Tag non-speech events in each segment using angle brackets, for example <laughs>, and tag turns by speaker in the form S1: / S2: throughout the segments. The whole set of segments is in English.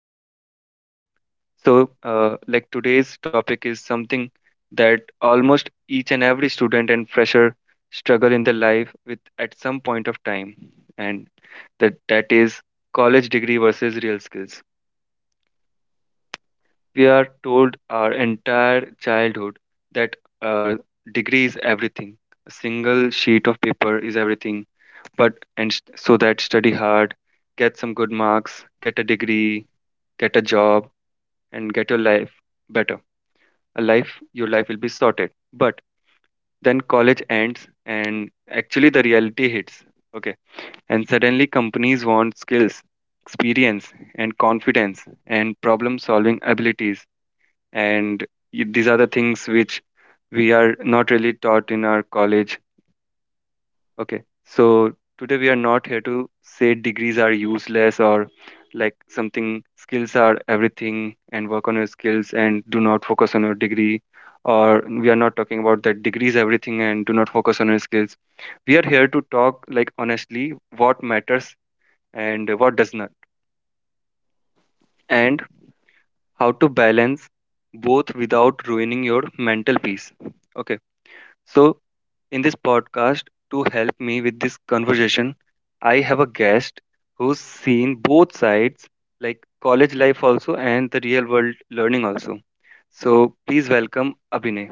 S1: step by step. So, like today's topic is something that almost each and every student and fresher struggle in their life with at some point of time, and that is college degree versus real skills. We are told our entire childhood that uh, degree is everything. A single sheet of paper is everything. But and st- so that study hard, get some good marks, get a degree, get a job, and get your life better. Your life will be sorted. But then college ends, and actually the reality hits. Okay, and suddenly companies want skills, experience, and confidence, and problem-solving abilities, and these are the things which we are not really taught in our college. Okay, so today we are not here to say degrees are useless, or like something skills are everything and work on your skills and do not focus on your degree, or we are not talking about that degrees everything and do not focus on your skills. We are here to talk like honestly what matters and what does not, and how to balance both without ruining your mental peace. Okay. So, in this podcast, to help me with this conversation, I have a guest who's seen both sides, like college life also and the real world learning also. So please welcome Abhinay.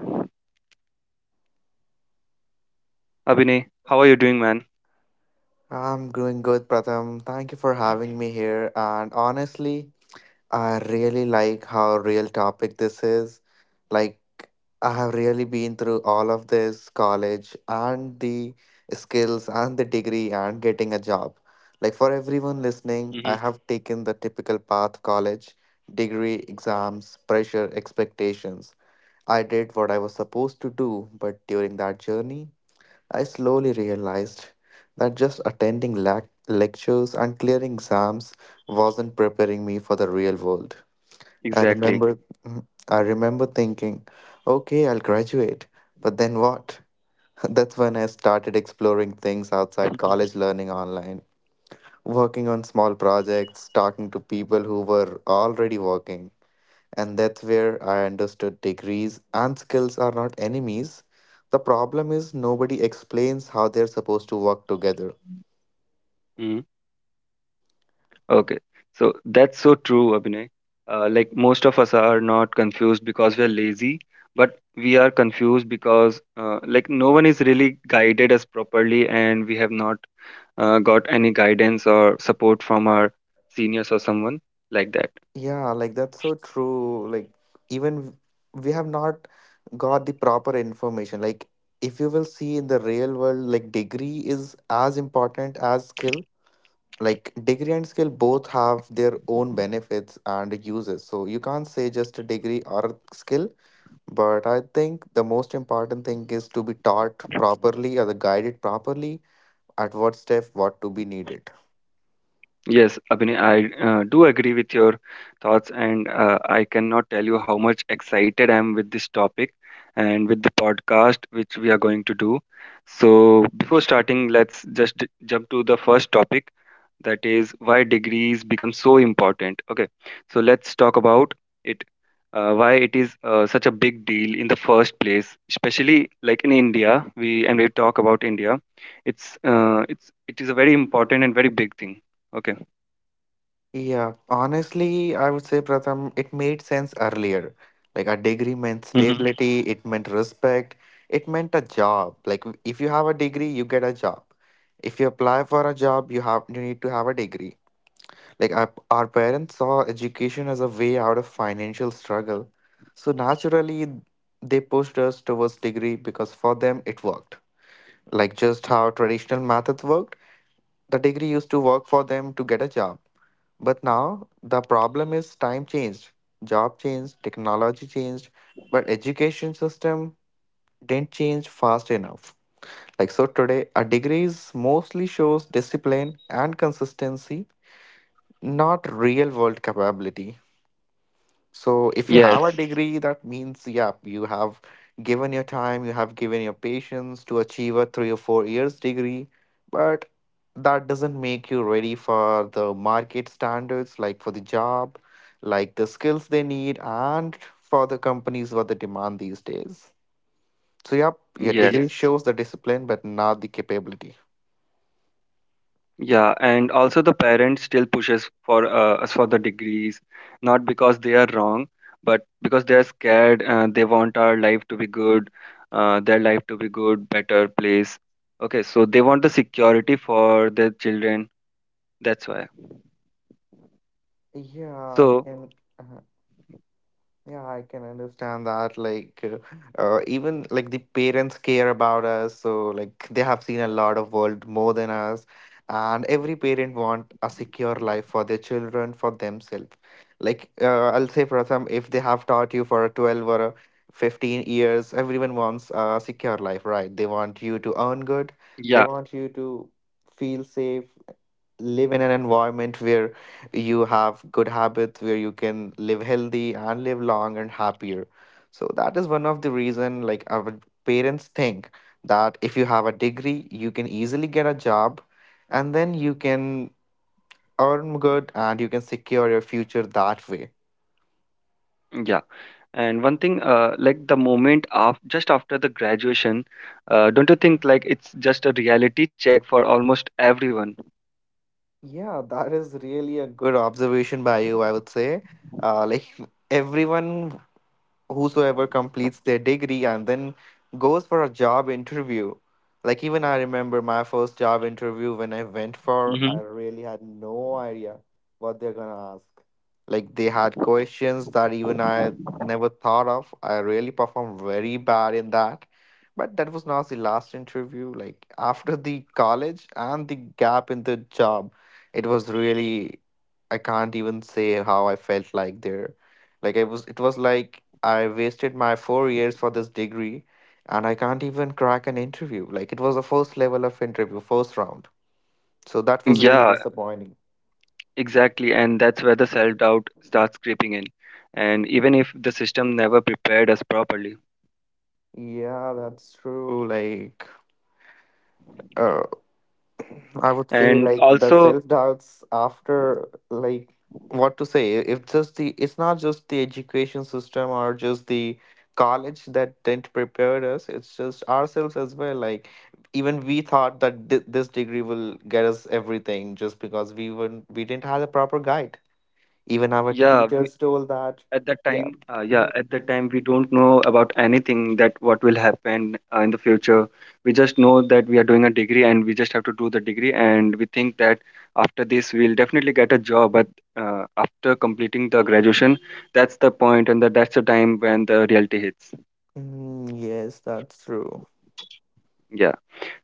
S1: Abhinay, how are you doing, man?
S2: I'm doing good, Pratham. Thank you for having me here. And honestly, I really like how real topic this is. Like, I have really been through all of this college and the skills and the degree and getting a job. Like, for everyone listening, I
S1: Hmm.
S2: have taken the typical path college, degree, exams, pressure, expectations. I did what I was supposed to do, but during that journey, I slowly realized that just attending lac lectures and clearing exams wasn't preparing me for the real world. I Right.
S1: Exactly.
S2: remember Mhm. I remember thinking, okay, I'll graduate, but then what? <laughs> That's when I started exploring things outside college, learning online, working on small projects, talking to people who were already working. And that's where I understood degrees and skills are not enemies. The problem is nobody explains how they're supposed to work together.
S1: Hmm. Okay. So that's so true, Abhinay. Like most of us are not confused because we are lazy, but we are confused because like no one is really guided us properly, and we have not got any guidance or support from our seniors or someone like that.
S2: Yeah, like that's so true. Like, even we have not got the proper information. Like, if you will see in the real world, like, degree is as important as skill. Like, degree and skill both have their own benefits and uses. So, you can't say just a degree or a skill. But I think the most important thing is to be taught properly or guided properly at what step what to be needed.
S1: Yes, Abhinay, I do agree with your thoughts, and I cannot tell you how much excited I am with this topic and with the podcast which we are going to do. So, before starting, let's just jump to the first topic, that is why degrees become so important. Okay, so let's talk about it. Why it is such a big deal in the first place, especially like in India, we talk about India. It is a very important and very big thing. Okay.
S2: Yeah, honestly, I would say, Pratham, it made sense earlier. Like a degree meant
S1: Hmm.
S2: stability, it meant respect, it meant a job. Like if you have a degree, you get a job. If you apply for a job, you need to have a degree. Like our parents saw education as a way out of financial struggle. So naturally, they pushed us towards degree because for them it worked. Like just how traditional methods worked, the degree used to work for them to get a job. But now the problem is time changed, job changed, technology changed, but education system didn't change fast enough. Like so today, a degree is mostly shows discipline and consistency, not real world capability. So if you
S1: Yes,
S2: have a degree, that means, yeah, you have given your time, you have given your patience to achieve a 3 or 4 years degree, but that doesn't make you ready for the market standards, like for the job, like the skills they need, and for the companies what they demand these days. So yeah, your degree, Yes.
S1: yes,
S2: shows the discipline, but not the capability.
S1: yeah, and also the parents still pushes for us for the degrees, not because they are wrong, but because they are scared. They want our life to be good, their life to be good, better place. Okay, so they want the security for their children. That's why.
S2: Yeah, I
S1: So
S2: can. Yeah, I can understand that. Like, even like the parents care about us, so like they have seen a lot of world more than us, and every parent want a secure life for their children, for themselves. Like, I'll say, Pratham, if they have taught you for a 12 or a 15 years, everyone wants a secure life, right? They want you to earn good, they
S1: yeah,
S2: want you to feel safe, live in an environment where you have good habits where you can live healthy and live long and happier, so that is one of the reason like our parents think that if you have a degree you can easily get a job and then you can earn good and you can secure your future that way.
S1: yeah, and one thing, like the moment af just after the graduation, don't you think like it's just a reality check for almost everyone?
S2: Yeah, that is really a good observation by you, I would say. Like, <laughs> everyone whosoever completes their degree and then goes for a job interview. Like even I remember my first job interview when I went for, I
S1: Mm-hmm.
S2: really had no idea what they're gonna ask. Like they had questions that even I never thought of. I really performed very bad in that. But that was not the last interview. Like after the college and the gap in the job, it was really, I can't even say how I felt like there. Like it was like I wasted my 4 years for this degree and I can't even crack an interview. Like it was the first level of interview, first round. So that was really
S1: Yeah,
S2: disappointing.
S1: exactly, and that's where the self doubt starts creeping in, and even if the system never prepared us properly.
S2: Yeah, that's true. Like, uh, I would say
S1: And
S2: like the
S1: also,
S2: self doubts after, like, what to say, if just the it's not just the education system or just the college that didn't prepare us, it's just ourselves as well. Like, even we thought that this degree will get us everything just because we didn't have a proper guide, even our
S1: yeah, we,
S2: teachers told that.
S1: at that
S2: Yeah,
S1: time, yeah,
S2: yeah.
S1: at that time, we don't know about anything that what will happen in the future. We just know that we are doing a degree, and we just have to do the degree, and we think that after this we'll definitely get a job. But after completing the graduation, that's the point, and that's the time when the reality hits.
S2: Mm, yes, that's true.
S1: Yeah.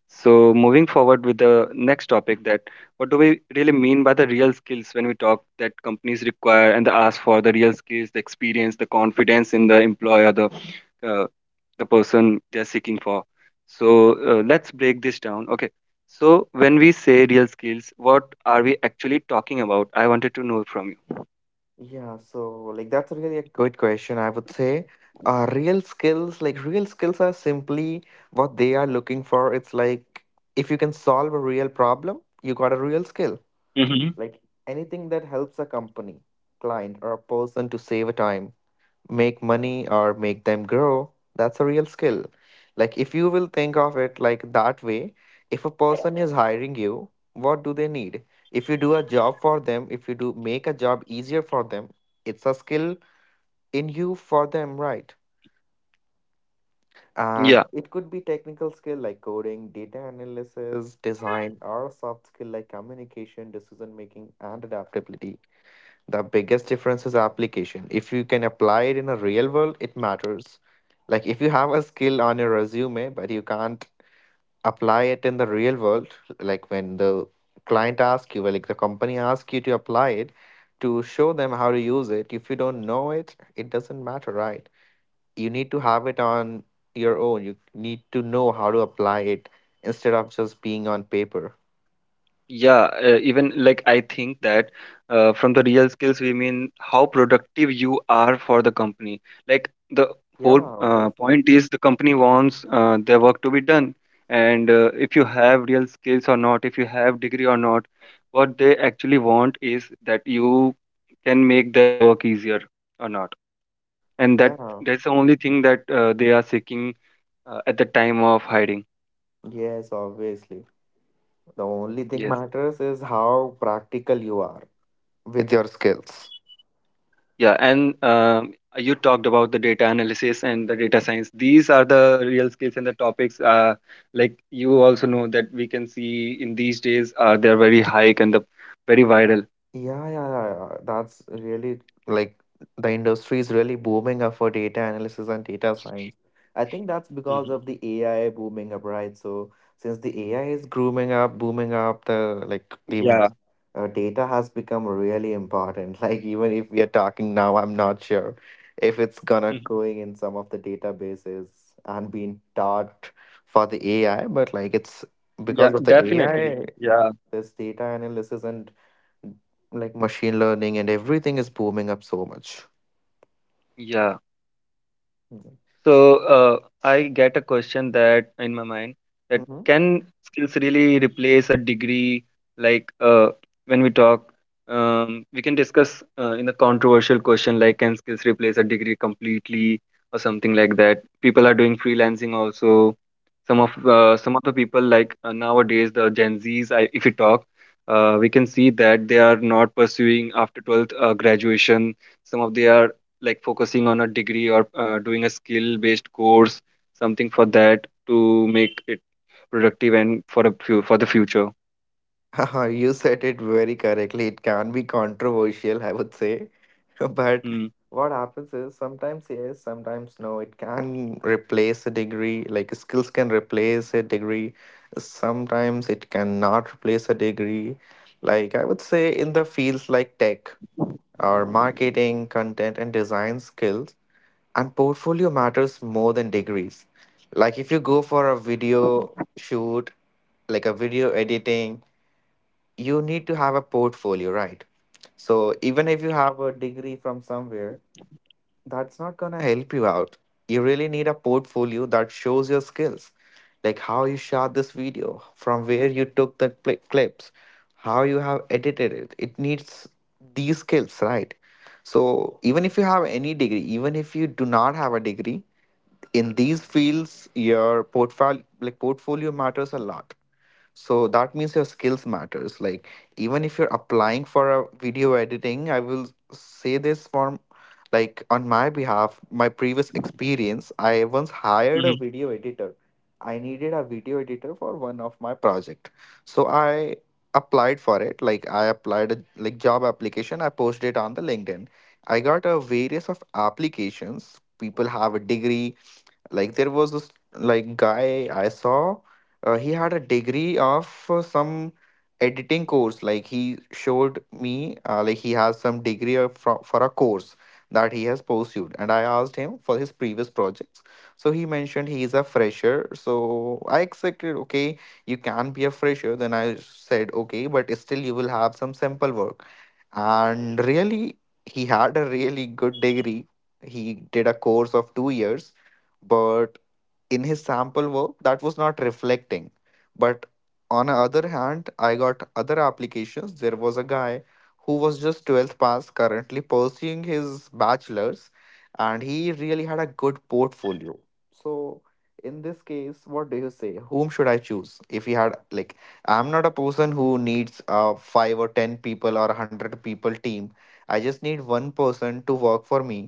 S1: So, moving forward with the next topic, that what do we really mean by the real skills when we talk that companies require and they ask for the real skills, the experience, the confidence in the employer, uh, the person they're seeking for. So let's break this down. Okay. So when we say real skills, what are we actually talking about? I wanted to know from
S2: Yeah, so like that's really a good question, I would say. Real skills, like real skills are simply what they are looking for. It's like, if you can solve a real problem, you got a real skill.
S1: you. Mm-hmm.
S2: Like anything that helps a company, client, or a person to save a time, make money, or make them grow, that's a real skill. Like, if you will think of it like that way, if a person is hiring you, what do they need? If you do a job for them, if you do make a job easier for them, it's a skill in you for them, right? And it could be technical skill like coding, data analysis, design, or a soft skill like communication, decision making, and adaptability. The biggest difference is application. If you can apply it in a real world, it matters. Like if you have a skill on your resume, but you can't apply it in the real world, like when the client asks you, well, like the company asks you to apply it, to show them how to use it. If you don't know it, it doesn't matter, right? You need to have it on your own. You need to know how to apply it instead of just being on paper.
S1: Yeah, even like I think that from the real skills, we mean how productive you are for the company. Like the
S2: Yeah,
S1: whole
S2: obviously.
S1: point is the company wants their work to be done. And if you have real skills or not, if you have degree or not, what they actually want is that you can make their work easier or not. And that
S2: Yeah.
S1: that's the only thing that they are seeking at the time of hiring.
S2: Yes, obviously. The only thing
S1: Yes.
S2: matters is how practical you are with your skills.
S1: Yeah, and you talked about the data analysis and the data science. These are the real skills and the topics. Like you also know that we can see in these days are they're very high and the very viral.
S2: Yeah, yeah, yeah, yeah. That's really, like, the industry is really booming up for data analysis and data science. I think that's because
S1: Mhm.
S2: of the AI booming up, right? So since the AI is grooming up, booming up, the like the
S1: Yeah.
S2: uh, data has become really important. <laughs> Like even if we are talking now, I'm not sure if it's gonna
S1: Mhm.
S2: going in some of the databases and being taught for the AI, but like it's
S1: Yeah,
S2: because of the
S1: definitely.
S2: AI,
S1: Yeah,
S2: this data analysis and like machine learning and everything is booming up so much.
S1: yeah.
S2: Mhm.
S1: So, I get a question that in my mind, that
S2: Mhm.
S1: can skills really replace a degree? Like, when we talk, we can discuss in a controversial question like can skills replace a degree completely or something like that. People are doing freelancing also. Some of the people like nowadays the Gen Zs, if we talk, we can see that they are not pursuing after 12th graduation. Some of they are like focusing on a degree or doing a skill based course, something for that to make it productive and for a few for the future.
S2: <laughs> You said it very correctly. It can be controversial, I would say. <laughs> But
S1: Mm-hmm.
S2: what happens is sometimes yes, sometimes no. It can replace a degree, like skills can replace a degree. Sometimes it cannot replace a degree. Like, I would say in the fields like tech or marketing, content and design, skills and portfolio matters more than degrees. Like if you go for a video shoot, like a video editing, you need to have a portfolio, right? So even if you have a degree from somewhere, that's not going to help you out. You really need a portfolio that shows your skills, like how you shot this video, from where you took the clips, how you have edited it. It needs these skills, right? So, even if you have any degree, even if you do not have a degree, in these fields, your portfolio, like, portfolio matters a lot. So that means your skills matters. Like, even if you're applying for a video editing, I will say this from, like, on my behalf, my previous experience. I once hired a video editor. I needed a video editor for one of my project, so I applied for it. Like, I applied a like job application, I posted it on the LinkedIn. I got a various of applications, people have a degree. Like, there was this, like, guy I saw, he had a degree of some editing course. Like, he showed me, like, he has some degree for a course that he has pursued, and I asked him for his previous projects. So he mentioned he is a fresher, so I accepted. Okay, you can be a fresher, then I said okay, but still you will have some sample work. And really, he had a really good degree, he did a course of 2 years, but in his sample work that was not reflecting. But on the other hand, I got other applications, there was a guy who was just 12th pass, currently pursuing his bachelor's, and he really had a good portfolio. So in this case, what do you say, whom should I choose? If he had, like, I'm not a person who needs a 5 or 10 people or a 100 people team, I just need one person to work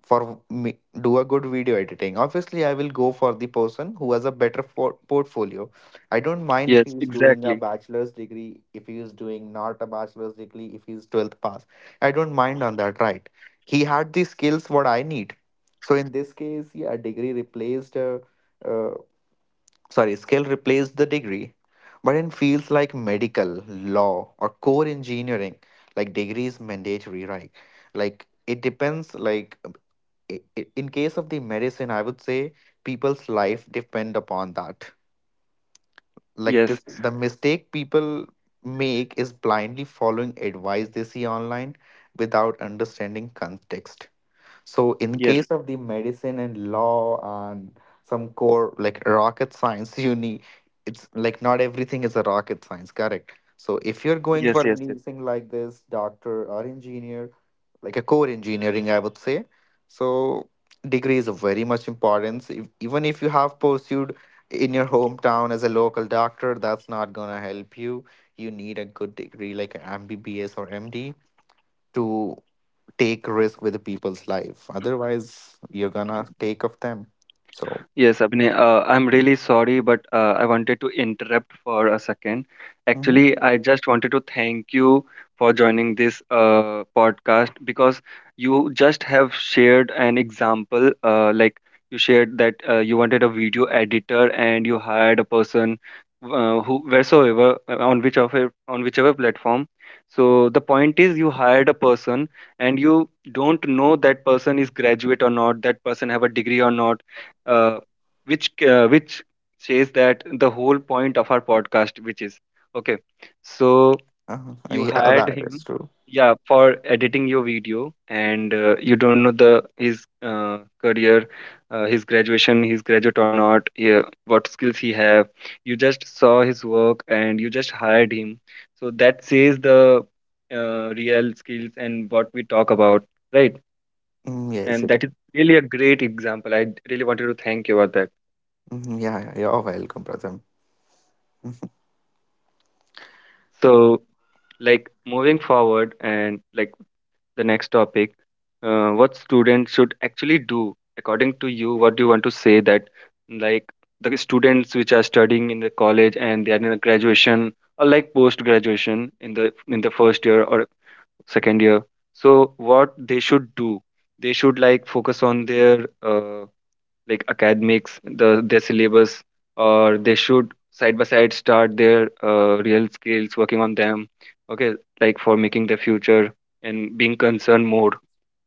S2: for me do a good video editing, obviously I will go for the person who has a better portfolio. I don't mind if he
S1: Yes,
S2: is doing a
S1: exactly.
S2: bachelor's degree, if he is doing not a bachelor's degree, if he is 12th pass, I don't mind on that, right? He had the skills what I need. So in this case, yeah, a degree replaced uh, sorry, skill replaced the degree. But in fields like medical, law or core engineering, like degree is mandatory, right? Like it depends, like in case of the medicine, I would say people's life depend upon that. Like
S1: Yes,
S2: the mistake people make is blindly following advice they see online without understanding context. So in
S1: yes,
S2: case of the medicine and law and some core like rocket science <laughs> you need. It's like not everything is a rocket science, correct? So if you're going
S1: yes.
S2: for
S1: Yes, yes.
S2: anything like this, doctor or engineer, like a core engineering, I would say. So degree is of very much importance, if, even if you have pursued in your hometown as a local doctor, that's not going to help you. You need a good degree like an mbbs or md to take risk with the people's life, otherwise you're gonna take of them. So
S1: Yes, Abhinay, I'm really sorry, but I wanted to interrupt for a second.
S2: Mhm.
S1: Actually, I just wanted to thank you for joining this podcast, because you just have shared an example. Like you shared that you wanted a video editor and you hired a person, who wheresoever, on whichever platform. So the point is, you hired a person and you don't know that person is graduate or not, that person have a degree or not, uh, which says that the whole point of our podcast, which is okay. So
S2: uh,
S1: you
S2: yeah,
S1: hired
S2: that is
S1: him,
S2: true.
S1: yeah, for editing your video, and you don't know the his career, his graduation, he's graduate or not, yeah, what skills he have. You just saw his work and you just hired him. So that says the real skills and what we talk about, right?
S2: Mm, yes
S1: And
S2: it
S1: that is
S2: is.
S1: really a great example, I really wanted to thank you about
S2: Mhm, yeah, yeah, you're welcome brother. Mm.
S1: that. So, like, moving forward, and like the next topic, what students should actually do, according to you what do you want to say that, like the students which are studying in the college and they are in a graduation or like post graduation in the first year or second year, so what they should do, they should like focus on their like academics, their syllabus, or they should side by side start their real skills, working on them. Okay, like for making their future and being concerned more.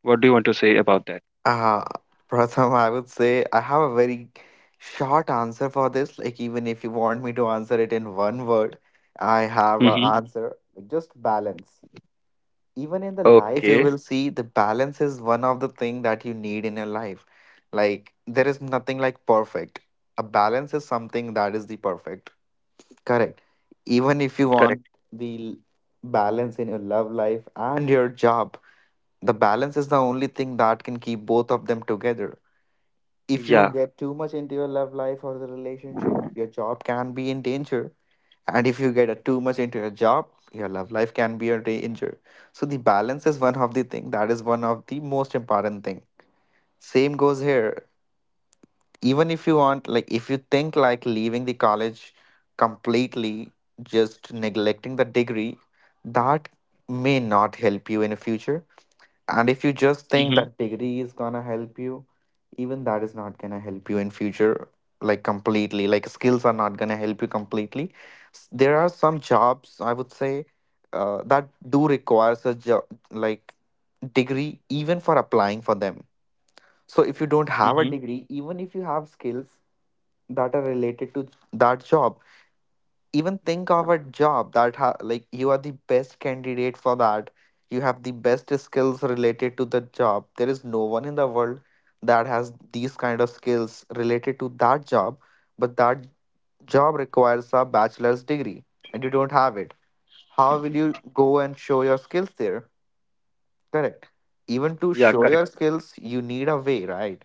S1: What do you want to say about that?
S2: Uh, <laughs> Pratham, I would say I have a very short answer for this. Like, even if you want me to answer it in one word, I have an
S1: Mm-hmm.
S2: answer. Like, just balance. Even in the life, you
S1: Okay,
S2: will see the balance is one of the thing that you need in your life. Like, there is nothing like perfect. A balance is something that is the perfect. Correct. Even if you want
S1: correct.
S2: the l- balance in your love life and your job, the balance is the only thing that can keep both of them together. If you
S1: Yeah.
S2: get too much into your love life or the relationship, your job can be in danger. And if you get too much into your job, your love life can be in danger. So the balance is one of the thing that is one of the most important thing. Same goes here. Even if you want, like, if you think like leaving the college completely, just neglecting the degree, that may not help you in the future. And if you just think
S1: Mm-hmm.
S2: that degree is gonna help you, even that is not gonna help you in future, like completely, like skills are not gonna help you completely. There are some jobs, I would say, that do requires a job, like degree, even for applying for them. So if you don't have a
S1: Mm-hmm.
S2: degree, even if you have skills that are related to that job, even think of a job that like you are the best candidate for that. You have the best skills related to the job, there is no one in the world that has these kind of skills related to that job, but that job requires a bachelor's degree and you don't have it. How will you go and show your skills there? Correct. Even to
S1: Yeah,
S2: show
S1: correct.
S2: your skills you need a way, right?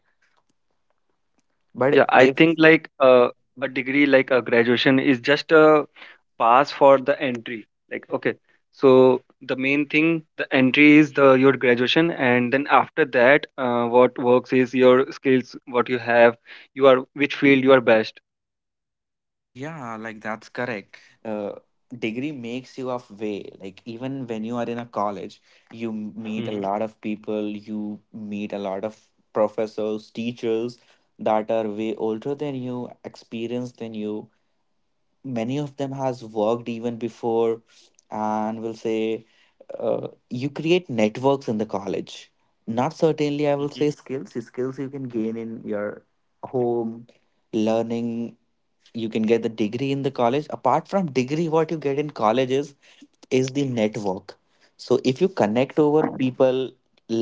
S1: Yeah,
S2: But
S1: I
S2: if
S1: think like a degree, like a graduation, is just a pass for the entry. Like, okay, so the main thing, the entry is the your graduation, and then after that, what works is your skills, what you have, you are which field you are best.
S2: Yeah, like that's correct. Uh, Degree makes you of way. Like even when you are in a college, you meet a
S1: Mm-hmm,
S2: lot of people, you meet a lot of professors, teachers that are way older than you, experienced than you. Many of them has worked even before, and will say you create networks in the college. Not certainly, I will
S1: mm-hmm,
S2: say skills. Skills you can gain in your home, learning. You can get the degree in the college. Apart from degree, what you get in colleges is the network. So if you connect over people,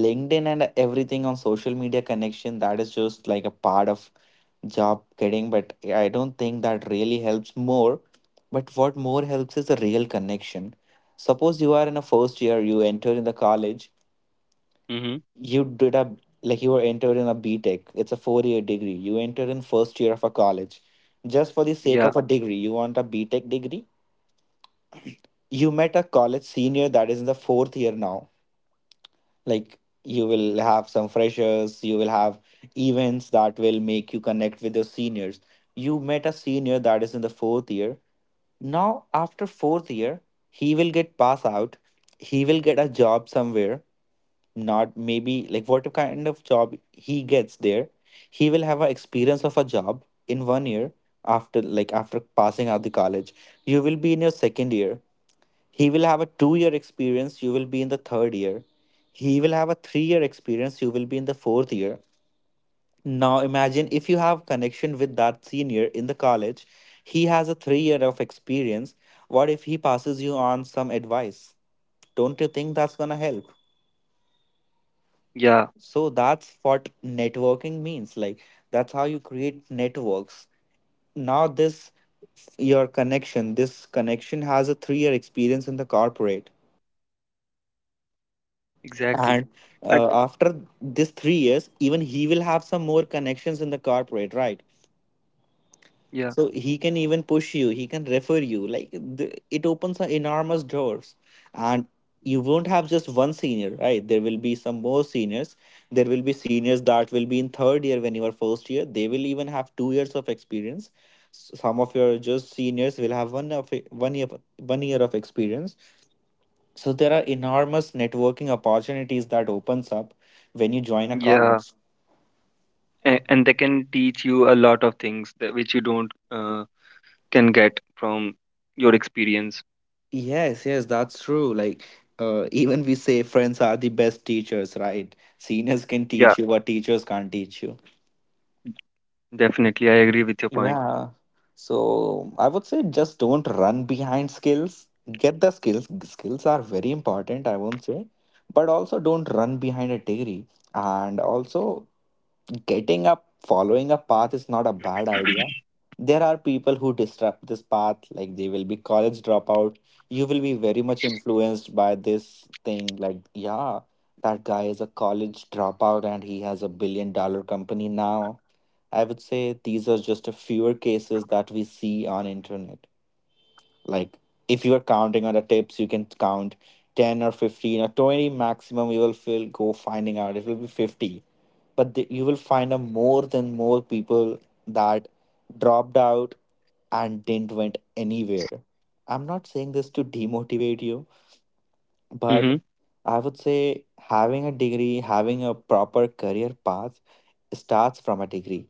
S2: linkedin and everything on social media connection, that is just like a part of job getting, but I don't think that really helps more. But what more helps is a real connection. Suppose you are in a first year, you enter in the college,
S1: mm-hmm.
S2: you did a like you were entered in a B Tech. It's a 4 year degree, you entered in first year of a college just for the sake
S1: Yeah,
S2: of a degree, you want a B Tech degree. You met a college senior that is in the fourth year. Now, like you will have some freshers, you will have events that will make you connect with your seniors. You met a senior that is in the fourth year. Now after fourth year, he will get pass out, he will get a job somewhere, not maybe like what kind of job he gets there. He will have an experience of a job in 1 year. After like after passing out the college, you will be in your second year, he will have a 2 year experience. You will be in the third year, he will have a 3 year experience. You will be in the fourth year. Now imagine if you have connection with that senior in the college, he has a 3 year of experience. What if he passes you on some advice? Don't you think that's gonna help?
S1: yeah,
S2: So that's what networking means. Like that's how you create networks. Now this your connection. This connection has a 3 year experience in the corporate,
S1: exactly.
S2: and
S1: I, g-
S2: after this 3 years, even he will have some more connections in the corporate, right?
S1: yeah,
S2: So he can even push you, he can refer you. Like it opens a enormous doors, and you won't have just one senior, right? There will be some more seniors. There will be seniors that will be in third year when you are first year. They will even have 2 years of experience. Some of your just seniors will have one year 1 year of experience. So there are enormous networking opportunities that opens up when you join a
S1: yeah,
S2: college.
S1: and they can teach you a lot of things that which you don't can get from your experience.
S2: Yes, yes, that's true. Like, <laughs> even we say friends are the best teachers, right? Seniors can
S1: Yeah.
S2: teach you what teachers can't teach you.
S1: Definitely, I agree with your point.
S2: Yeah. So I would say just don't run behind skills. Get the skills. Skills are very important, I won't say. But also don't run behind a degree. And also getting up following a path is not a bad idea. There are people who disrupt this path, like they will be college dropout. You will be very much influenced by this thing like, yeah, that guy is a college dropout and he has a billion dollar company now. I would say these are just a fewer cases that we see on internet. Like if you are counting on the tips, you can count 10 or 15 or 20 maximum. You will feel go finding out it will be 50. But you will find a more than more people that dropped out and didn't went anywhere. I'm not saying this to demotivate you, but
S1: Hmm.
S2: I would say having a degree, having a proper career path starts from a degree.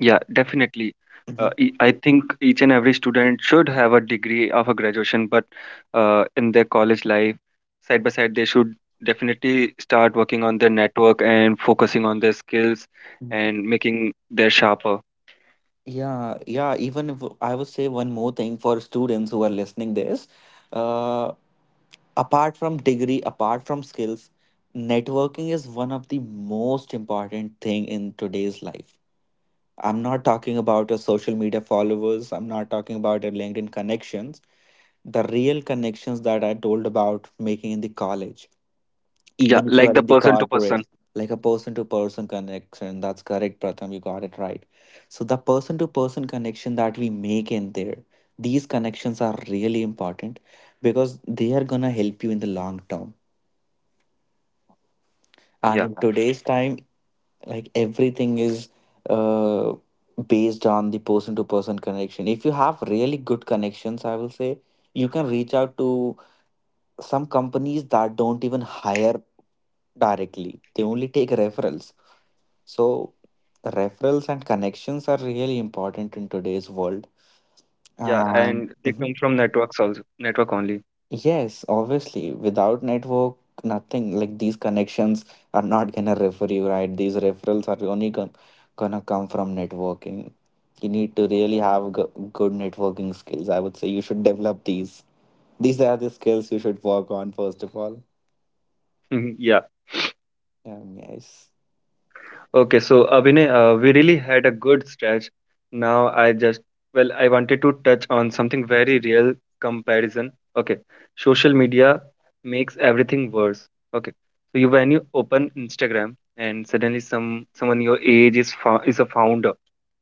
S1: Yeah, definitely. Uh,
S2: Mhm.
S1: e- I think each and every student should have a degree of a graduation, but in their college life, side by side, they should definitely start working on their network and focusing on their skills and making their sharper.
S2: Yeah, yeah. Even if I would say one more thing for students who are listening this, uh, apart from degree, apart from skills, networking is one of the most important thing in today's life. I'm not talking about your social media followers. I'm not talking about your LinkedIn connections. The real connections that I told about making in the college,
S1: Yeah,
S2: even if you
S1: like
S2: are
S1: the
S2: in the
S1: person to
S2: corporate,
S1: person.
S2: like a person to person connection, that's correct Pratham, you got it right. So the person to person connection that we make in there, these connections are really important because they are going to help you in the long term. And
S1: Yeah,
S2: in today's time, like everything is uh, based on the person to person connection. If you have really good connections, I will say you can reach out to some companies that don't even hire directly. They only take referrals. So referrals and connections are really important in today's world.
S1: yeah,
S2: And
S1: and they
S2: Mhm.
S1: come from networks also, network only.
S2: Yes, obviously, without network, nothing, like these connections are not gonna refer you, right. These referrals are only gonna come from networking. You need to really have good networking skills. I would say you should develop these. These are the skills you should work on first of all.
S1: <laughs> Yeah.
S2: Yes.
S1: Okay, so Abhinay, we really had a good stretch. Now well, I wanted to touch on something very real — comparison. Okay, social media makes everything worse. Okay, so you when you open Instagram and suddenly someone your age is fo is a founder.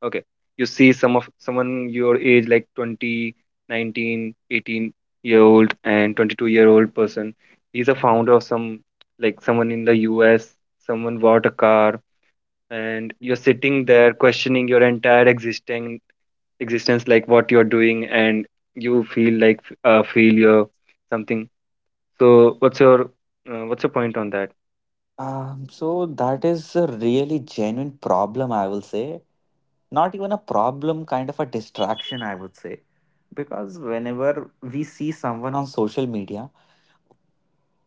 S1: Okay, you see someone your age, like 20, 19 18-year old, and 22-year-old person. He's a founder of some, like someone in the US. Someone bought a car, and you're sitting there questioning your entire existing existence like what you're doing, and you feel like failure, something. So what's your point on that?
S2: So that is a really genuine problem, I will say. Not even a problem, kind of a distraction, I would say. Because whenever we see someone on social media,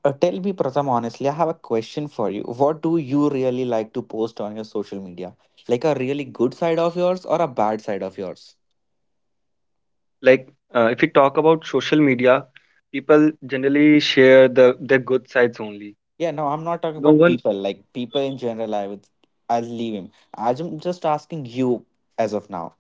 S2: tell me, Pratham, honestly, I have a question for you. What do you really like to post on your social media? Like a really good side of yours or a bad side of yours?
S1: If we talk about social media, people generally share their good sides only.
S2: Yeah, no, I'm not talking
S1: No
S2: about
S1: one.
S2: people. Like people in general, I would, I'll leave him. I'm just asking you as of now.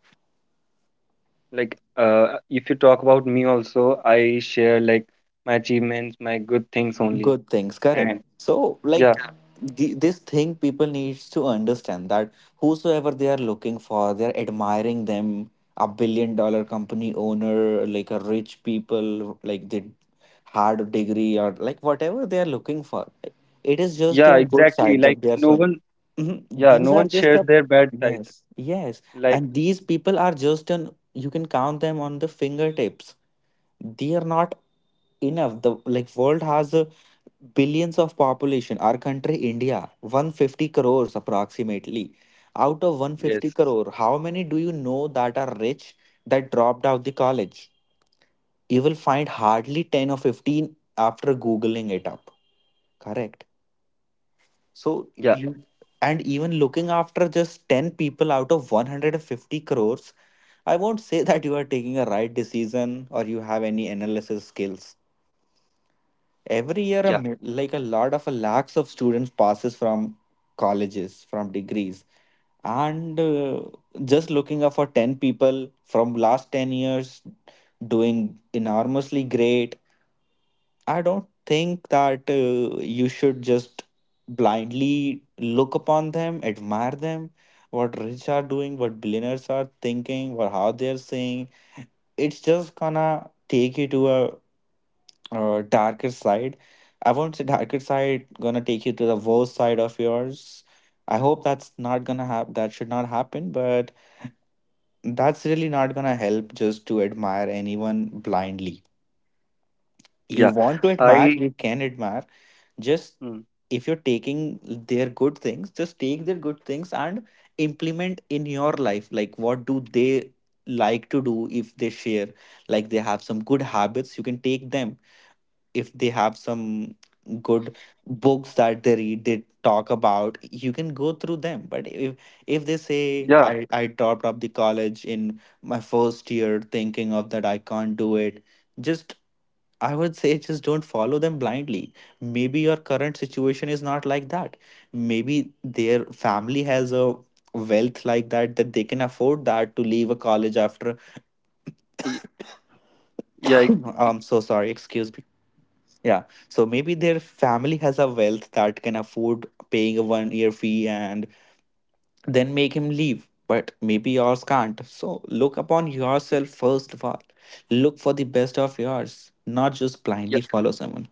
S1: If you talk about me also, I share like my achievements, my good things only.
S2: Good things, correct.
S1: And
S2: So
S1: yeah,
S2: like Yeah. This thing people needs to understand, that whosoever they are looking for, they're admiring them, a billion dollar company owner, like a rich people, like the hard degree, or like whatever they are looking for, it is just
S1: yeah,
S2: their good
S1: exactly.
S2: side
S1: Like
S2: that they are
S1: no
S2: showing.
S1: one.
S2: Mhm.
S1: Yeah,
S2: These
S1: no
S2: are
S1: one
S2: just
S1: shares
S2: a,
S1: their bad sides.
S2: yes, yes,
S1: Like
S2: and these people are just an, you can count them on the fingertips. They are not enough. The, like, world has billions of population. Our country India, 150 crores approximately. Out of 150
S1: yes.
S2: crore, how many do you know that are rich that dropped out the college? You will find hardly 10 or 15 after googling it up, correct? So
S1: Yeah.
S2: you, and even looking after just 10 people out of 150 crores, I won't say <laughs> that you are taking a right decision or you have any analysis skills. Every year a
S1: Yeah.
S2: like a lot of a lakhs of students passes from colleges, from degrees. And just looking up for 10 people from last 10 years doing enormously great, I don't think that you should just blindly look upon them, admire them. What rich are doing, what billionaires are thinking, or how they're saying, it's just gonna take you to a, darker side. I won't say darker side, gonna take you to the worst side of yours. I hope that's not gonna happen. That should not happen, but that's really not gonna help just to admire anyone blindly. You
S1: Yeah.
S2: want to admire,
S1: I.
S2: you can admire. Just
S1: Mm,
S2: if you're taking their good things, just take their good things and implement in your life. Like, what do they like to do if they share? Like, they have some good habits, you can take them. If they have some good books that they read, they talk about, you can go through them. But if they say
S1: yeah.
S2: I topped up the college in my first year, thinking of that I can't do it, just, I would say, just don't follow them blindly. Maybe your current situation is not like that. Maybe their family has a wealth like that, that they can afford that to leave a college after.
S1: y- Yeah.
S2: <coughs> I'm so sorry, excuse me. Yeah. So maybe their family has a wealth that can afford paying a 1 year fee and then make him leave. But maybe yours can't. So look upon yourself first of all. Look for the best of yours, not just
S1: Yeah.
S2: blindly follow someone.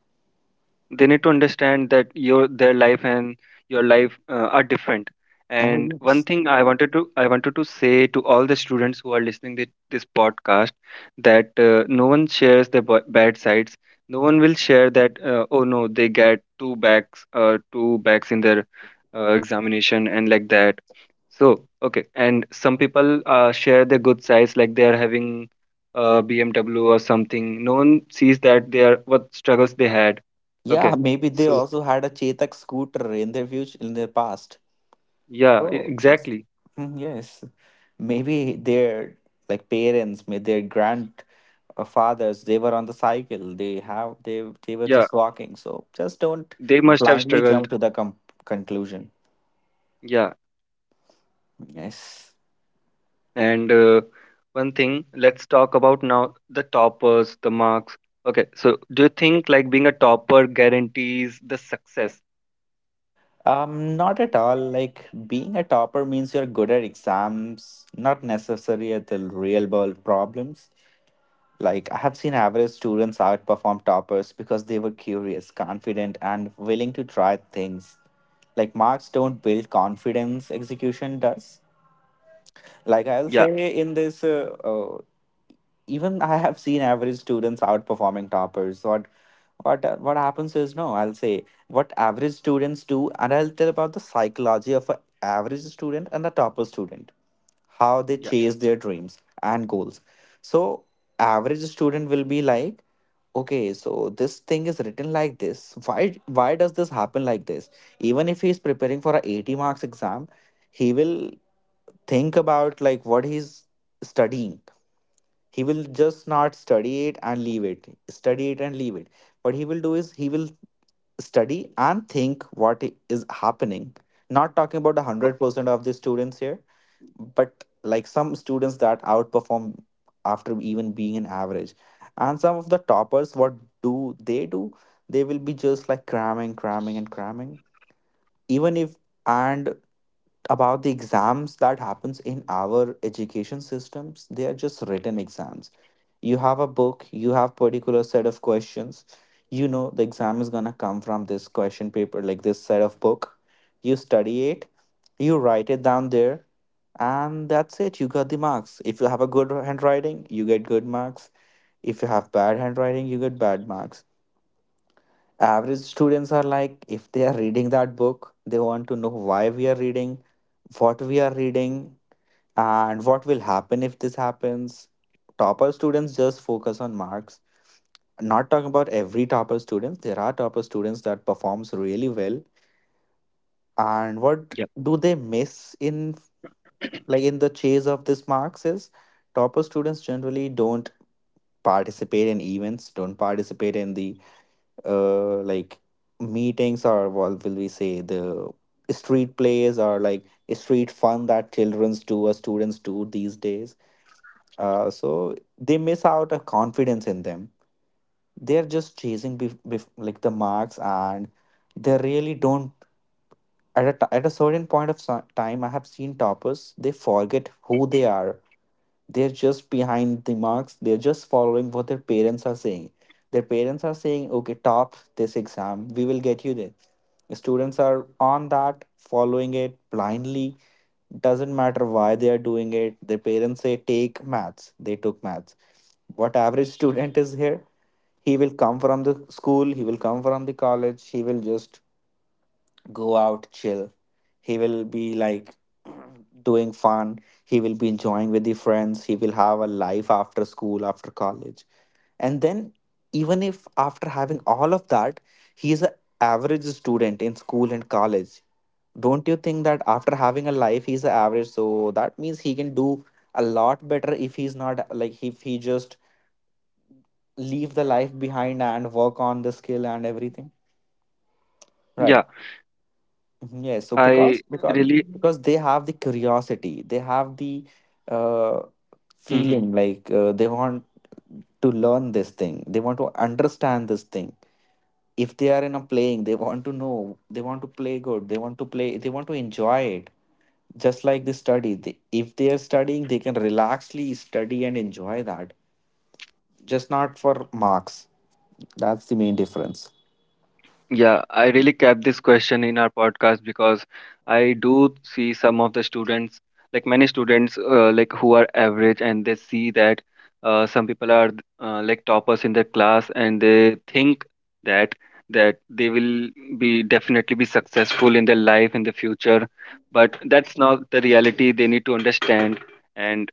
S1: They need to understand that your their life and your life are different. And one
S2: Yes.
S1: thing I wanted to say to all the students who are listening to this podcast, that no one shares their bad sides. No one will share that oh no, they get two backs, two backs in their examination, and like that. So, okay, and some people share their good sides, like they are having a BMW or something. No one sees that they are what struggles they had.
S2: Yeah,
S1: Okay,
S2: maybe they
S1: so
S2: also had a Chetak scooter in their future, in their past.
S1: yeah,
S2: Oh, just—
S1: exactly.
S2: Mm, yes. Maybe their like parents, maybe their grand fathers, they were on the cycle, they have, they were
S1: Yeah,
S2: just walking. So just don't
S1: they must have
S2: blindly
S1: struggled.
S2: jump to the conclusion.
S1: Yeah,
S2: Yes.
S1: and one thing, let's talk about now the toppers, the marks. Okay, so do you think like being a topper guarantees the success?
S2: Not at all. Like, being a topper means you're good at exams, not necessary at the real world problems. Like, I have seen average students outperform toppers because they were curious, confident, and willing to try things. Like, marks don't build confidence, execution does. Like, I'll say
S1: Yeah,
S2: in this even I have seen average students outperforming toppers. What happens is, no, I'll say what average students do, and I'll tell about the psychology of an average student and a topper student, how they
S1: yeah,
S2: chase their dreams and goals. So average student will be like, okay, so this thing is written like this. Why does this happen like this? Even if he's preparing for a 80 marks exam, he will think about like what he's studying. He will just not study it and leave it, study it and leave it. What he will do is he will study and think what is happening. Not talking about
S1: wha-
S2: 100% of the students here, but like some students that outperform after even being an average, and some of the toppers, what do they do? They will be just like cramming, cramming, and cramming. Even if, and about the exams that happens in our education systems, they are just written exams. You have a book, you have particular set of questions, you know the exam is going to come from this question paper, like this set of book. You study it, you write it down there, and that's it. You got the marks. If you have a good handwriting, you get good marks. If you have bad handwriting, you get bad marks. Average students are like, if they are reading that book, they want to know why we are reading, what we are reading, and what will happen if this happens. Topper students just focus on marks. Not talking about every topper students, there are topper students that performs really well. And what
S1: yeah,
S2: do they miss in, like, in the chase of these marks, is topper students generally don't participate in events, don't participate in the like meetings, or what will we say, the street plays, or like street fun that children's do or students do these days. So they miss out a confidence in them. They're just chasing like the marks, and they really don't, at a, at a certain point of time, I have seen toppers, they forget who they are. They're just behind the marks, they're just following what their parents are saying. Their parents are saying, okay, top this exam, we will get you there. The students are on that, following it blindly. Doesn't matter why they are doing it. Their parents say take maths, they took maths. What average <laughs> student is here, he will come from the school, he will come from the college, he will just go out, chill. He will be like, <clears throat> doing fun, he will be enjoying with the friends, he will have a life after school, after college. And then, even if after having all of that, he is an average student in school and college, don't you think that after having a life he's a average, so that means he can do a lot better if he's not like, if he just leave the life behind and work on the skill and everything, right?
S1: yeah.
S2: Mhm, yes, so
S1: I
S2: because
S1: really.
S2: because they have the curiosity, they have the uh,
S1: Mm-hmm.
S2: feeling like they want to learn this thing, they want to understand this thing. If they are in a playing, they want to know, they want to play good, they want to play, they want to enjoy it. Just like the study, they, if they are studying, they can relaxly study and enjoy that, just not for marks. That's the main difference.
S1: Yeah, I really kept this question in our podcast because I do see some of the students, like many students, like who are average, and they see that some people are like toppers in their class, and they think that they will be definitely be successful in their life in the future, but that's not the reality. They need to understand, and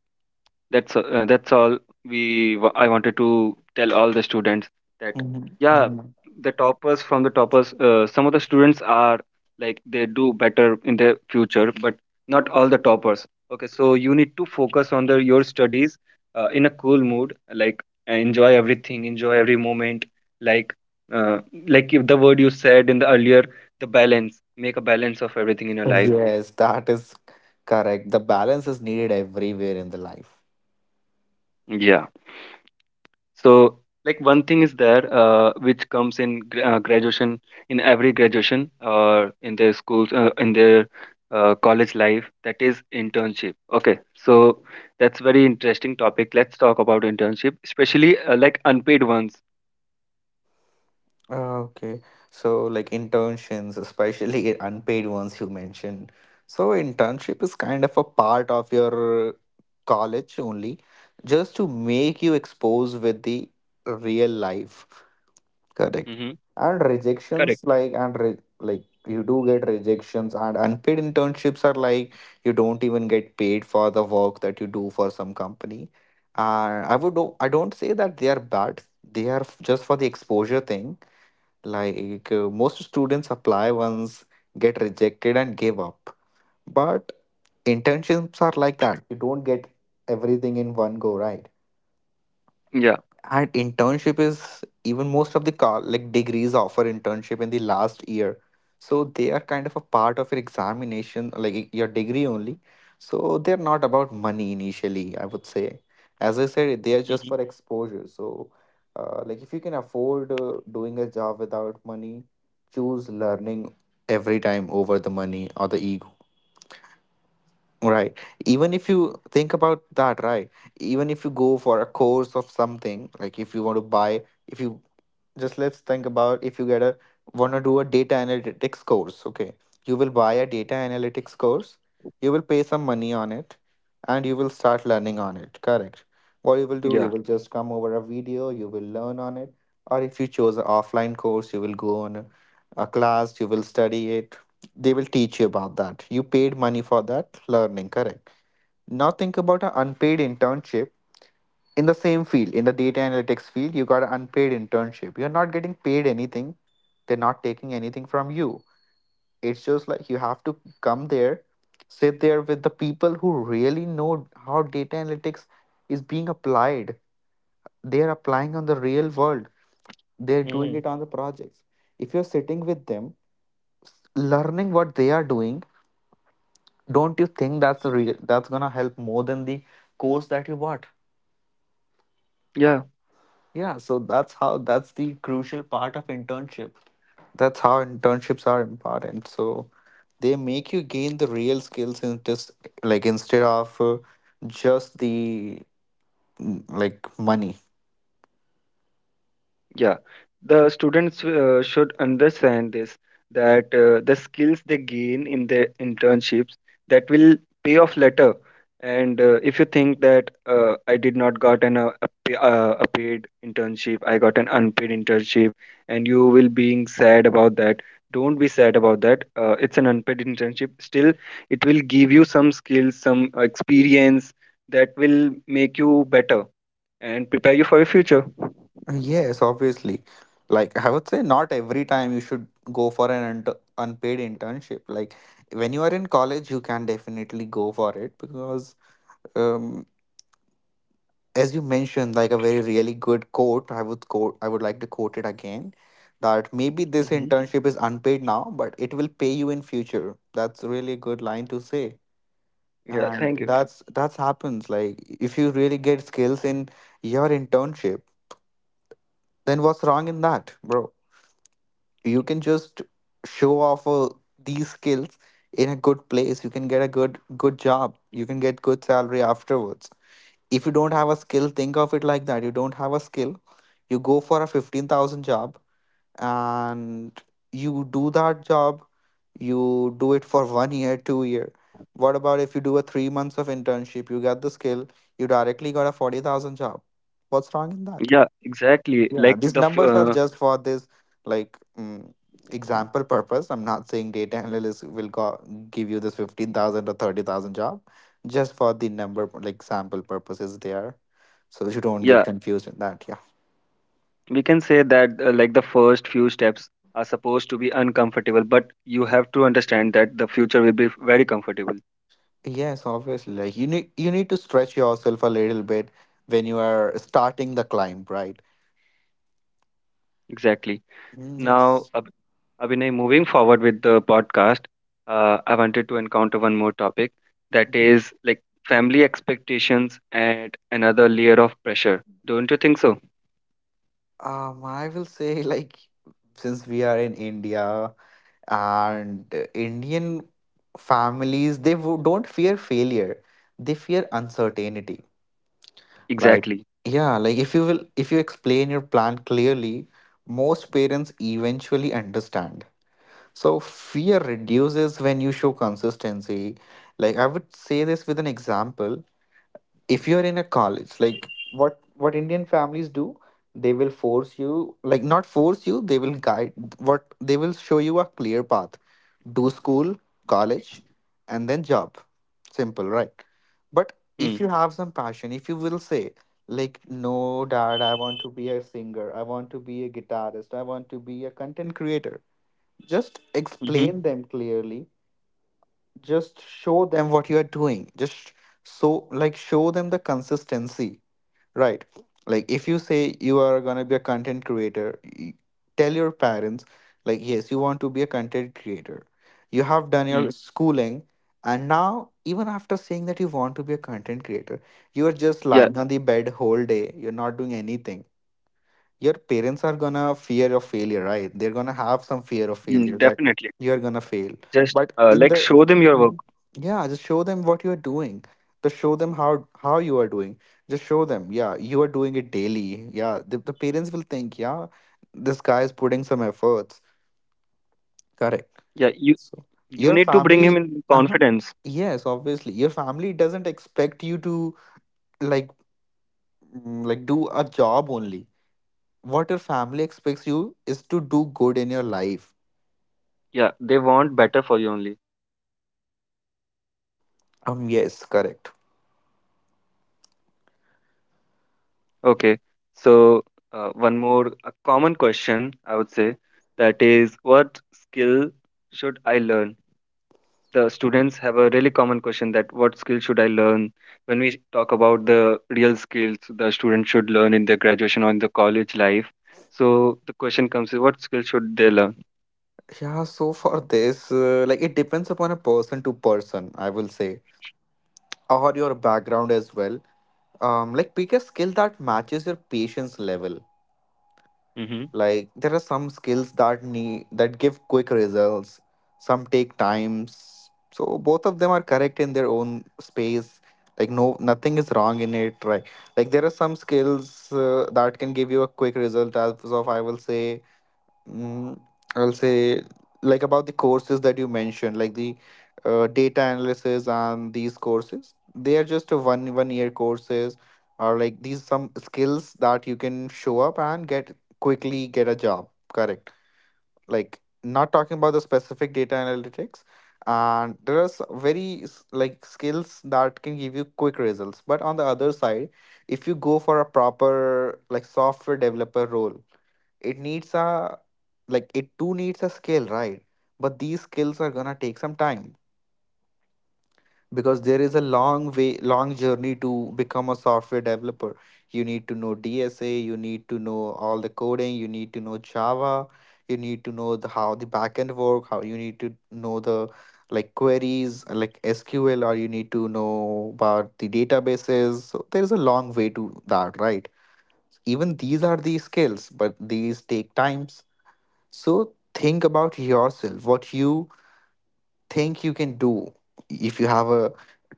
S1: that's all we I wanted to tell all the students that,
S2: Mhm,
S1: yeah,
S2: mhm.
S1: the toppers, from the toppers, some of the students are, like, they do better in the future, but not all the toppers. Okay, so you need to focus on the your studies in a cool mood, like enjoy everything enjoy every moment like uh, like if the word you said in the earlier, the balance, make a balance of everything in your life.
S2: Yes, that is correct. The balance is needed everywhere in the life.
S1: Yeah. So, like one thing is there which comes in graduation, in every graduation or in their schools in their college life, that is internship. Okay, so that's very interesting topic. Let's talk about internship, especially like unpaid ones.
S2: Ah, okay, so like internships, especially <laughs> unpaid ones, you mentioned. So internship is kind of a part of your college only, just to make you expose with the real life. Correct.
S1: Mm-hmm.
S2: And
S1: Correct.
S2: rejections, like, like you do get rejections. And unpaid internships are like, you don't even get paid for the work that you do for some company. And I I don't say that they are bad. They are just for the exposure thing. Like most students apply once, get rejected, and give up. But internships are like that. You don't get everything in one go, right?
S1: Yeah.
S2: And internship is, even most of the car like degrees offer internship in the last year, so they are kind of a part of your examination, like your degree only. So they're not about money initially, I would say. As I said, they are just
S1: Mm-hmm.
S2: for exposure. So like if you can afford doing a job without money, choose learning every time over the money or the— Right. Even if you think about that, right? Even if you go for a course of something, like, if you want to buy, if you just, let's think about if you get a, want to do a data analytics course, okay, you will buy a data analytics course, you will pay some money on it, and you will start learning on it, correct? What you will do, you
S1: Yeah.
S2: will just come over a video, you will learn on it. Or if you chose an offline course, you will go on a class, you will study it, they will teach you about that. You paid money for that learning, correct? Now think about an unpaid internship in the same field, in the data analytics field. You got an unpaid internship. You're not getting paid anything. They're not taking anything from you. It's just like you have to come there, sit there with the people who really know how data analytics is being applied. They're applying on the real world, they're doing
S1: Mm-hmm.
S2: it on the projects. If you're sitting with them, learning what they are doing, don't you think that's a real, that's gonna help more than the course that you bought?
S1: Yeah.
S2: Yeah, so that's how, that's the crucial part of internship. That's how internships are important. So they make you gain the real skills, in just like, instead of just the, mm, like money.
S1: Yeah, the students should understand this, that the skills they gain in their internships, that will pay off later. And if you think that I did not got an a paid internship, I got an unpaid internship, and you will being sad about that. Don't be sad about that. It's an unpaid internship. Still, it will give you some skills, some experience that will make you better and prepare you for your future.
S2: Yes, obviously. Like I would say, not every time you should go for an unpaid internship. Like when you are in college, you can definitely go for it because um, as you mentioned like a very really good quote I would like to quote it again, that maybe this internship is unpaid now but it will pay you in future. That's really a good line to say.
S1: Yeah,
S2: And
S1: thank you.
S2: that's happens, like if you really get skills in your internship, then what's wrong in that, bro? You can just show off these skills in a good place. You can get a good job, you can get good salary afterwards. If you don't have a skill, think of it like that. You don't have a skill, you go for a 15,000 job and you do that job, you do it for 1 year, 2 year. What about if you do a 3 months of internship, you get the skill, you directly got a 40,000 job. What's wrong in that?
S1: Yeah, exactly.
S2: Yeah,
S1: Like
S2: these numbers are just for this, like example purpose. I'm not saying data analyst will go give you this 15,000 or 30,000 job. Just for the number, like sample purposes there. So you don't get
S1: yeah,
S2: confused with that. Yeah.
S1: we can say that like the first few steps are supposed to be uncomfortable, but you have to understand that the future will be very comfortable.
S2: Yes, obviously. Like you need to stretch yourself a little bit when you are starting the climb, right?
S1: Exactly.
S2: Mm,
S1: Now,
S2: yes.
S1: Abhinay, moving forward with the podcast, I wanted to encounter one more topic, that
S2: Mhm.
S1: is like family expectations and another layer of pressure. Don't you think so?
S2: I will say, like since we are in India and indian families, they wo- don't fear failure, they fear uncertainty. Like,
S1: Exactly.
S2: yeah, like if you explain your plan clearly, most parents eventually understand. So fear reduces when you show consistency. Like I would say this with an example. If you're in a college, like what what indian families do, they will force you, like not force you, they will guide. What, they will show you a clear path: do school, college, and then job. Simple, right? But if
S1: Mm.
S2: you have some passion, if you will say, like no, dad, I want to be a singer, I want to be a guitarist, I want to be a content creator, just
S1: Mm-hmm.
S2: explain them clearly. Just show them what you are doing, just so, like show them the consistency. Right. Like if you say you are gonna be a content creator, y- tell your parents, like yes, you want to be a content creator. You have done
S1: Mm.
S2: your schooling, and now even after saying that you want to be a content creator, you are just
S1: Yeah,
S2: lying on the bed whole day. You're not doing anything. Your parents are gonna fear of failure, right? They're gonna have some fear of
S1: mm,
S2: failure that
S1: definitely.
S2: you're gonna fail.
S1: Just
S2: But in
S1: like
S2: the
S1: show them your work.
S2: Mhm. yeah, just show them what you are doing, just show them how you are doing. Just show them, yeah, you are doing it daily. Yeah, the parents will think, yeah, this guy is putting some efforts. Correct.
S1: Yeah, you
S2: So your
S1: need to bring him
S2: family,
S1: in
S2: uh-huh,
S1: confidence.
S2: yes, obviously your family doesn't expect you to, like, mm, like do a job only. What your family expects you is to do good in your life.
S1: Yeah, they want better for you only.
S2: Yes, correct.
S1: Okay. So one more a common question I would say, that is what skill should I learn? The students have a really common question, that what skill should I learn? When we talk about the real skills the student should learn in their graduation or in the college life, so the question comes is, what skill should they learn?
S2: Yeah, so for this like it depends upon a person to person, I will say, or your background as well. Like pick a skill that matches your patience level.
S1: Hmm.
S2: Like there are some skills that need that give quick results, some take times. So both of them are correct in their own space. Like no, nothing is wrong in it, right? Like there are some skills that can give you a quick result. As of, I will say, mm, I'll say, like about the courses that you mentioned, like the data analysis and these courses. They are just a one year courses, or like these some skills that you can show up and get a job. Correct. Like not talking about the specific data analytics. And there are s- very s- like skills that can give you quick results. But on the other side, if you go for a proper like software developer role, it needs a, like it too needs a skill, right? But these skills are gonna take some time because there is a long journey to become a software developer. You need to know dsa, you need to know all the coding, you need to know java, you need to know how the backend work, how you need to know the, like queries like sql, or you need to know about the databases. So there's a long way to that, right? Even these are the skills, but these take times. So think about yourself, what you think you can do. If you have a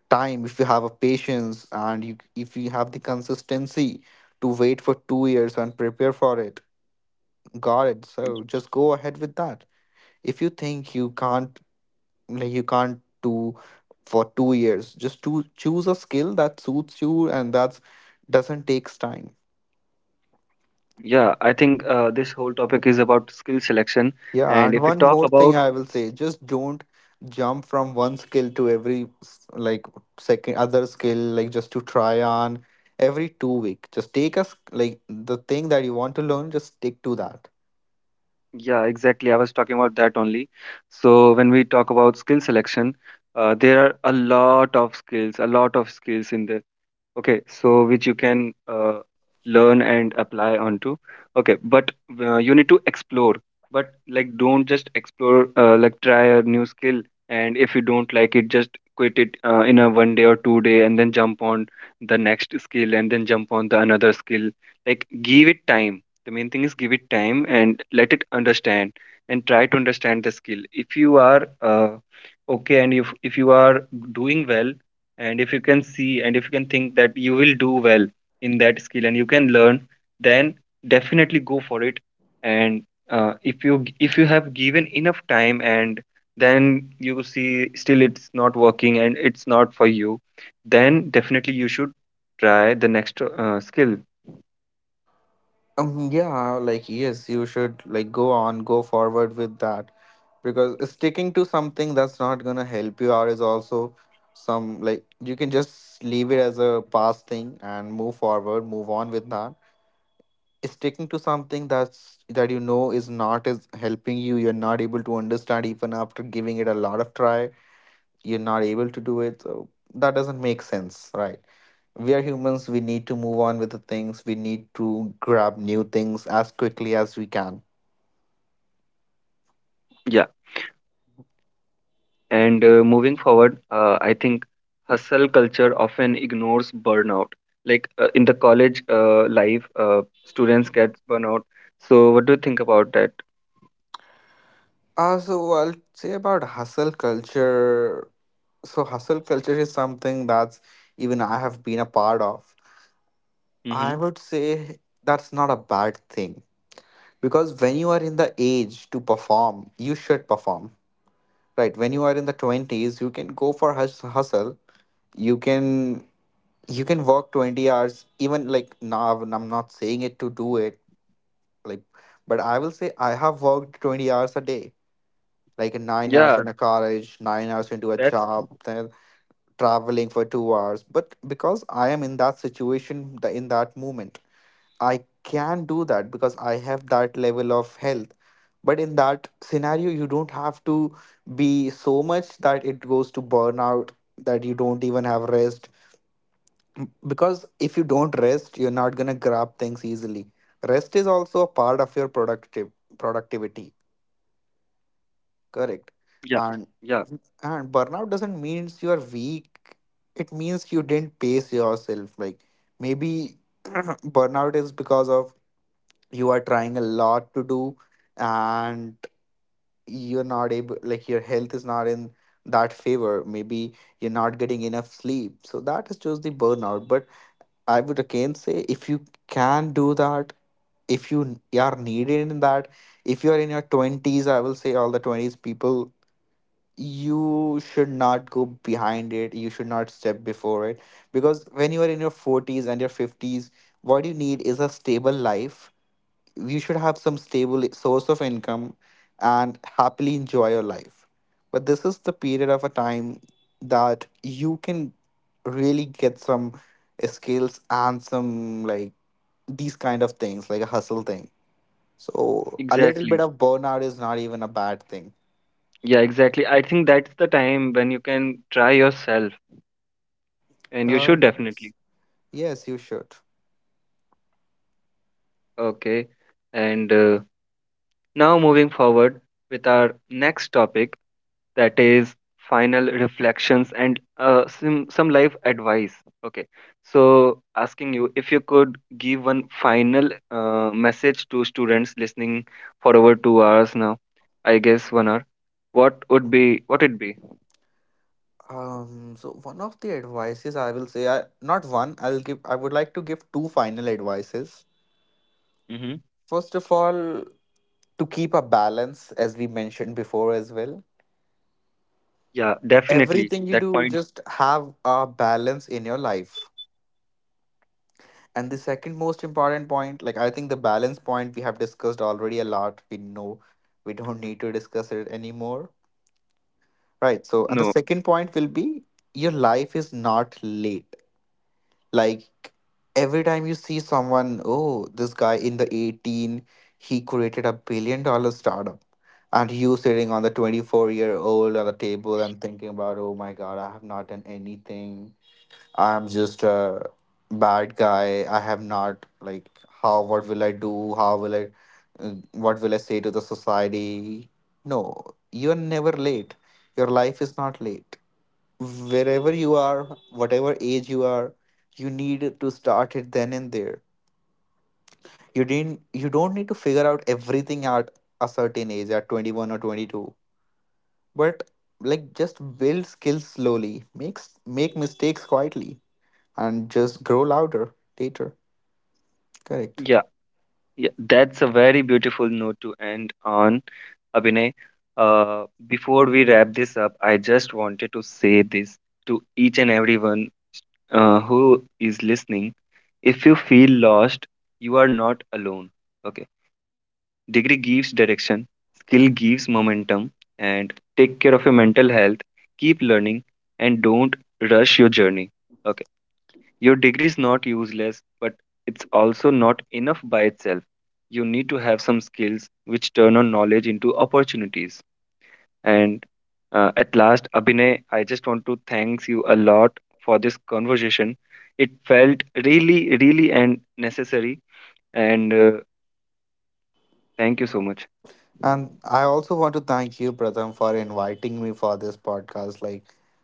S2: time, if you have a patience, and if you have the consistency to wait for 2 years and prepare for it, got it. So just go ahead with that. If you think you can't, like you can't do for 2 years, just to choose a skill that suits you and that's doesn't takes time.
S1: Yeah, I think this whole topic is about skill selection,
S2: Yeah,
S1: and
S2: and
S1: if we
S2: one
S1: talk
S2: more thing
S1: about.
S2: I will say, just don't jump from one skill to every s- like second other skill, like just to try on every 2 week. Just take us like the thing that you want to learn, just stick to that.
S1: Yeah, exactly. I was talking about that only. So when we talk about skill selection, there are a lot of skills, a lot of skills in there. Okay, so which you can learn and apply onto. Okay, but you need to explore. But like, don't just explore. Like, try a new skill, and if you don't like it, just quit it in a one day or two day, and then jump on the next skill, and then jump on the another skill. Like, give it time. The main thing is, give it time and let it understand, and try to understand the skill. If you are okay, and if you are doing well, and if you can see and if you can think that you will do well in that skill and you can learn, then definitely go for it. And if you have given enough time, and then you see still it's not working and it's not for you, then definitely you should try the next skill.
S2: Yeah, like yes, you should like go on, go forward with that because sticking to something that's not gonna help you out is also some, like you can just leave it as a past thing and move forward, move on with that. Sticking to something that's that you know is not is helping you, you're not able to understand even after giving it a lot of try, you're not able to do it, so that doesn't make sense, right? We are humans, we need to move on with the things, we need to grab new things as quickly as we can.
S1: Yeah. And moving forward, I think hustle culture often ignores burnout. Like in the college life, students get burnout. So, what do you think about that?
S2: So I'll say about hustle culture. So hustle culture is something that's, even I have been a part of, I
S1: Mm-hmm.
S2: would say. That's not a bad thing because when you are in the age to perform, you should perform. Right, when you are in the 20s, you can go for hus- hustle. You can, you can work 20 hours. Even like now, I'm not saying it to do it, like, but I will say I have worked 20 hours a day, like 9 hours
S1: Yeah,
S2: in a college, 9 hours into a
S1: that's
S2: job, then traveling for 2 hours. But because I am in that situation, the- in that moment, I can do that because I have that level of health. But in that scenario, you don't have to be so much that it goes to burnout, that you don't even have rest. Because if you don't rest, you're not going to grab things easily. Rest is also a part of your productive productivity, correct?
S1: yeah,
S2: And
S1: yeah,
S2: and burnout doesn't means you are weak. It means you didn't pace yourself. Like maybe <clears throat> burnout is because of you are trying a lot to do, and you're not able, like your health is not in that favor, maybe you're not getting enough sleep, so that is just the burnout. But I would again say, if you can do that, if you n- are needed in that, if you are in your 20s, I will say all the 20s people, you should not go behind it, you should not step before it. Because when you are in your 40s and your 50s, what you need is a stable life, you should have some stable source of income and happily enjoy your life. But this is the period of a time that you can really get some skills and some like these kind of things, like a hustle thing. So a little bit
S1: exactly.
S2: of burnout is not even a bad thing.
S1: Yeah, exactly. I think that's the time when you can try yourself, and you
S2: Uh,
S1: should definitely.
S2: yes, you should.
S1: Okay, and now, moving forward with our next topic, that is final reflections and some life advice. Okay, so asking you, if you could give one final message to students listening for over 2 hours now, I guess 1 hour, what would be what it be?
S2: So one of the advices I will say, not one, I would like to give two final advices.
S1: Mm-hmm.
S2: First of all, to keep a balance, as we mentioned before as well.
S1: Yeah, definitely
S2: Everything you
S1: that
S2: do,
S1: point.
S2: just have a balance in your life. And the second most important point, like I think the balance point we have discussed already a lot. We know we don't need to discuss it anymore. Right. So, and the
S1: No,
S2: second point will be, your life is not late. Like every time you see someone, oh, this guy in the 18, he created a billion dollar startup. And you sitting on the 24-year-old on the table and thinking about, oh my God, I have not done anything. I'm just a bad guy. I have not, like, how, what will I do? How will I, what will I say to the society? No, you're never late. Your life is not late, wherever you are, whatever age you are, you need to start it then and there. You don't need to figure out everything at a certain age, at 21 or 22. But like just build skills slowly, make mistakes quietly, and just grow louder later. Correct.
S1: yeah. Yeah, that's a very beautiful note to end on, Abhinay. Before we wrap this up, I just wanted to say this to each and everyone who is listening. If you feel lost, you are not alone. Okay. Degree gives direction, skill gives momentum, and take care of your mental health. Keep learning, and don't rush your journey. Okay. Your degree is not useless, but it's also not enough by itself. You need to have some skills which turn on knowledge into opportunities. And at last, Abhinay, I just want to thank you a lot for this conversation. It felt really, really and necessary. And thank you so much.
S2: And I also want to thank you, Pratham, for inviting me for this podcast. Like,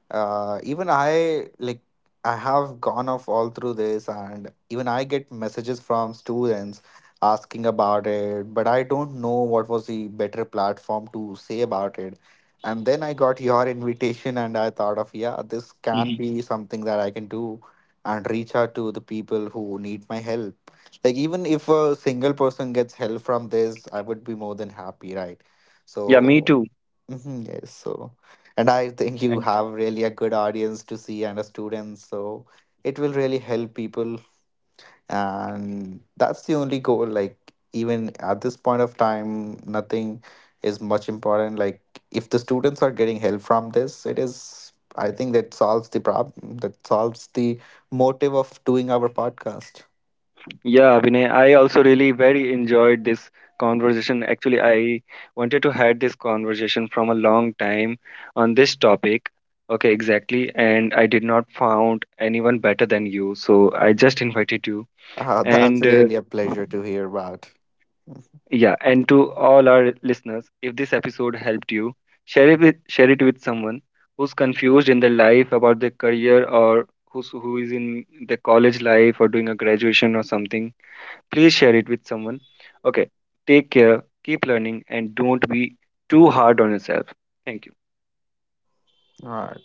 S2: even I have gone off all through this, and even I get messages from students asking about it, but I don't know what was the better platform to say about it. And then I got your invitation, and I thought of, yeah, this can
S1: Mhm.
S2: be something that I can do, and reach out to the people who need my help. Like even if a single person gets help from this, I would be more than happy, right?
S1: Yeah, me
S2: So
S1: too.
S2: mhm, yes, so, and I think you
S1: And
S2: have really a good audience to see and a student. So it will really help people, and that's the only goal. Like even at this point of time, nothing is much important. Like if the students are getting help from this, it is, I think that solves the problem, that solves the motive of doing our podcast.
S1: yeah, Vinay, I also really very enjoyed this conversation. Actually, I wanted to had this conversation from a long time on this topic. Okay, exactly. And I did not found anyone better than you, so I just invited you.
S2: That's
S1: And
S2: really a pleasure to hear about. Mhm.
S1: yeah, and to all our listeners, if this episode helped you, share it with someone who's confused in their life about their career, or who is in the college life or doing a graduation or something. Please share it with someone. Okay, take care, keep learning, and don't be too hard on yourself. Thank you.
S2: All right.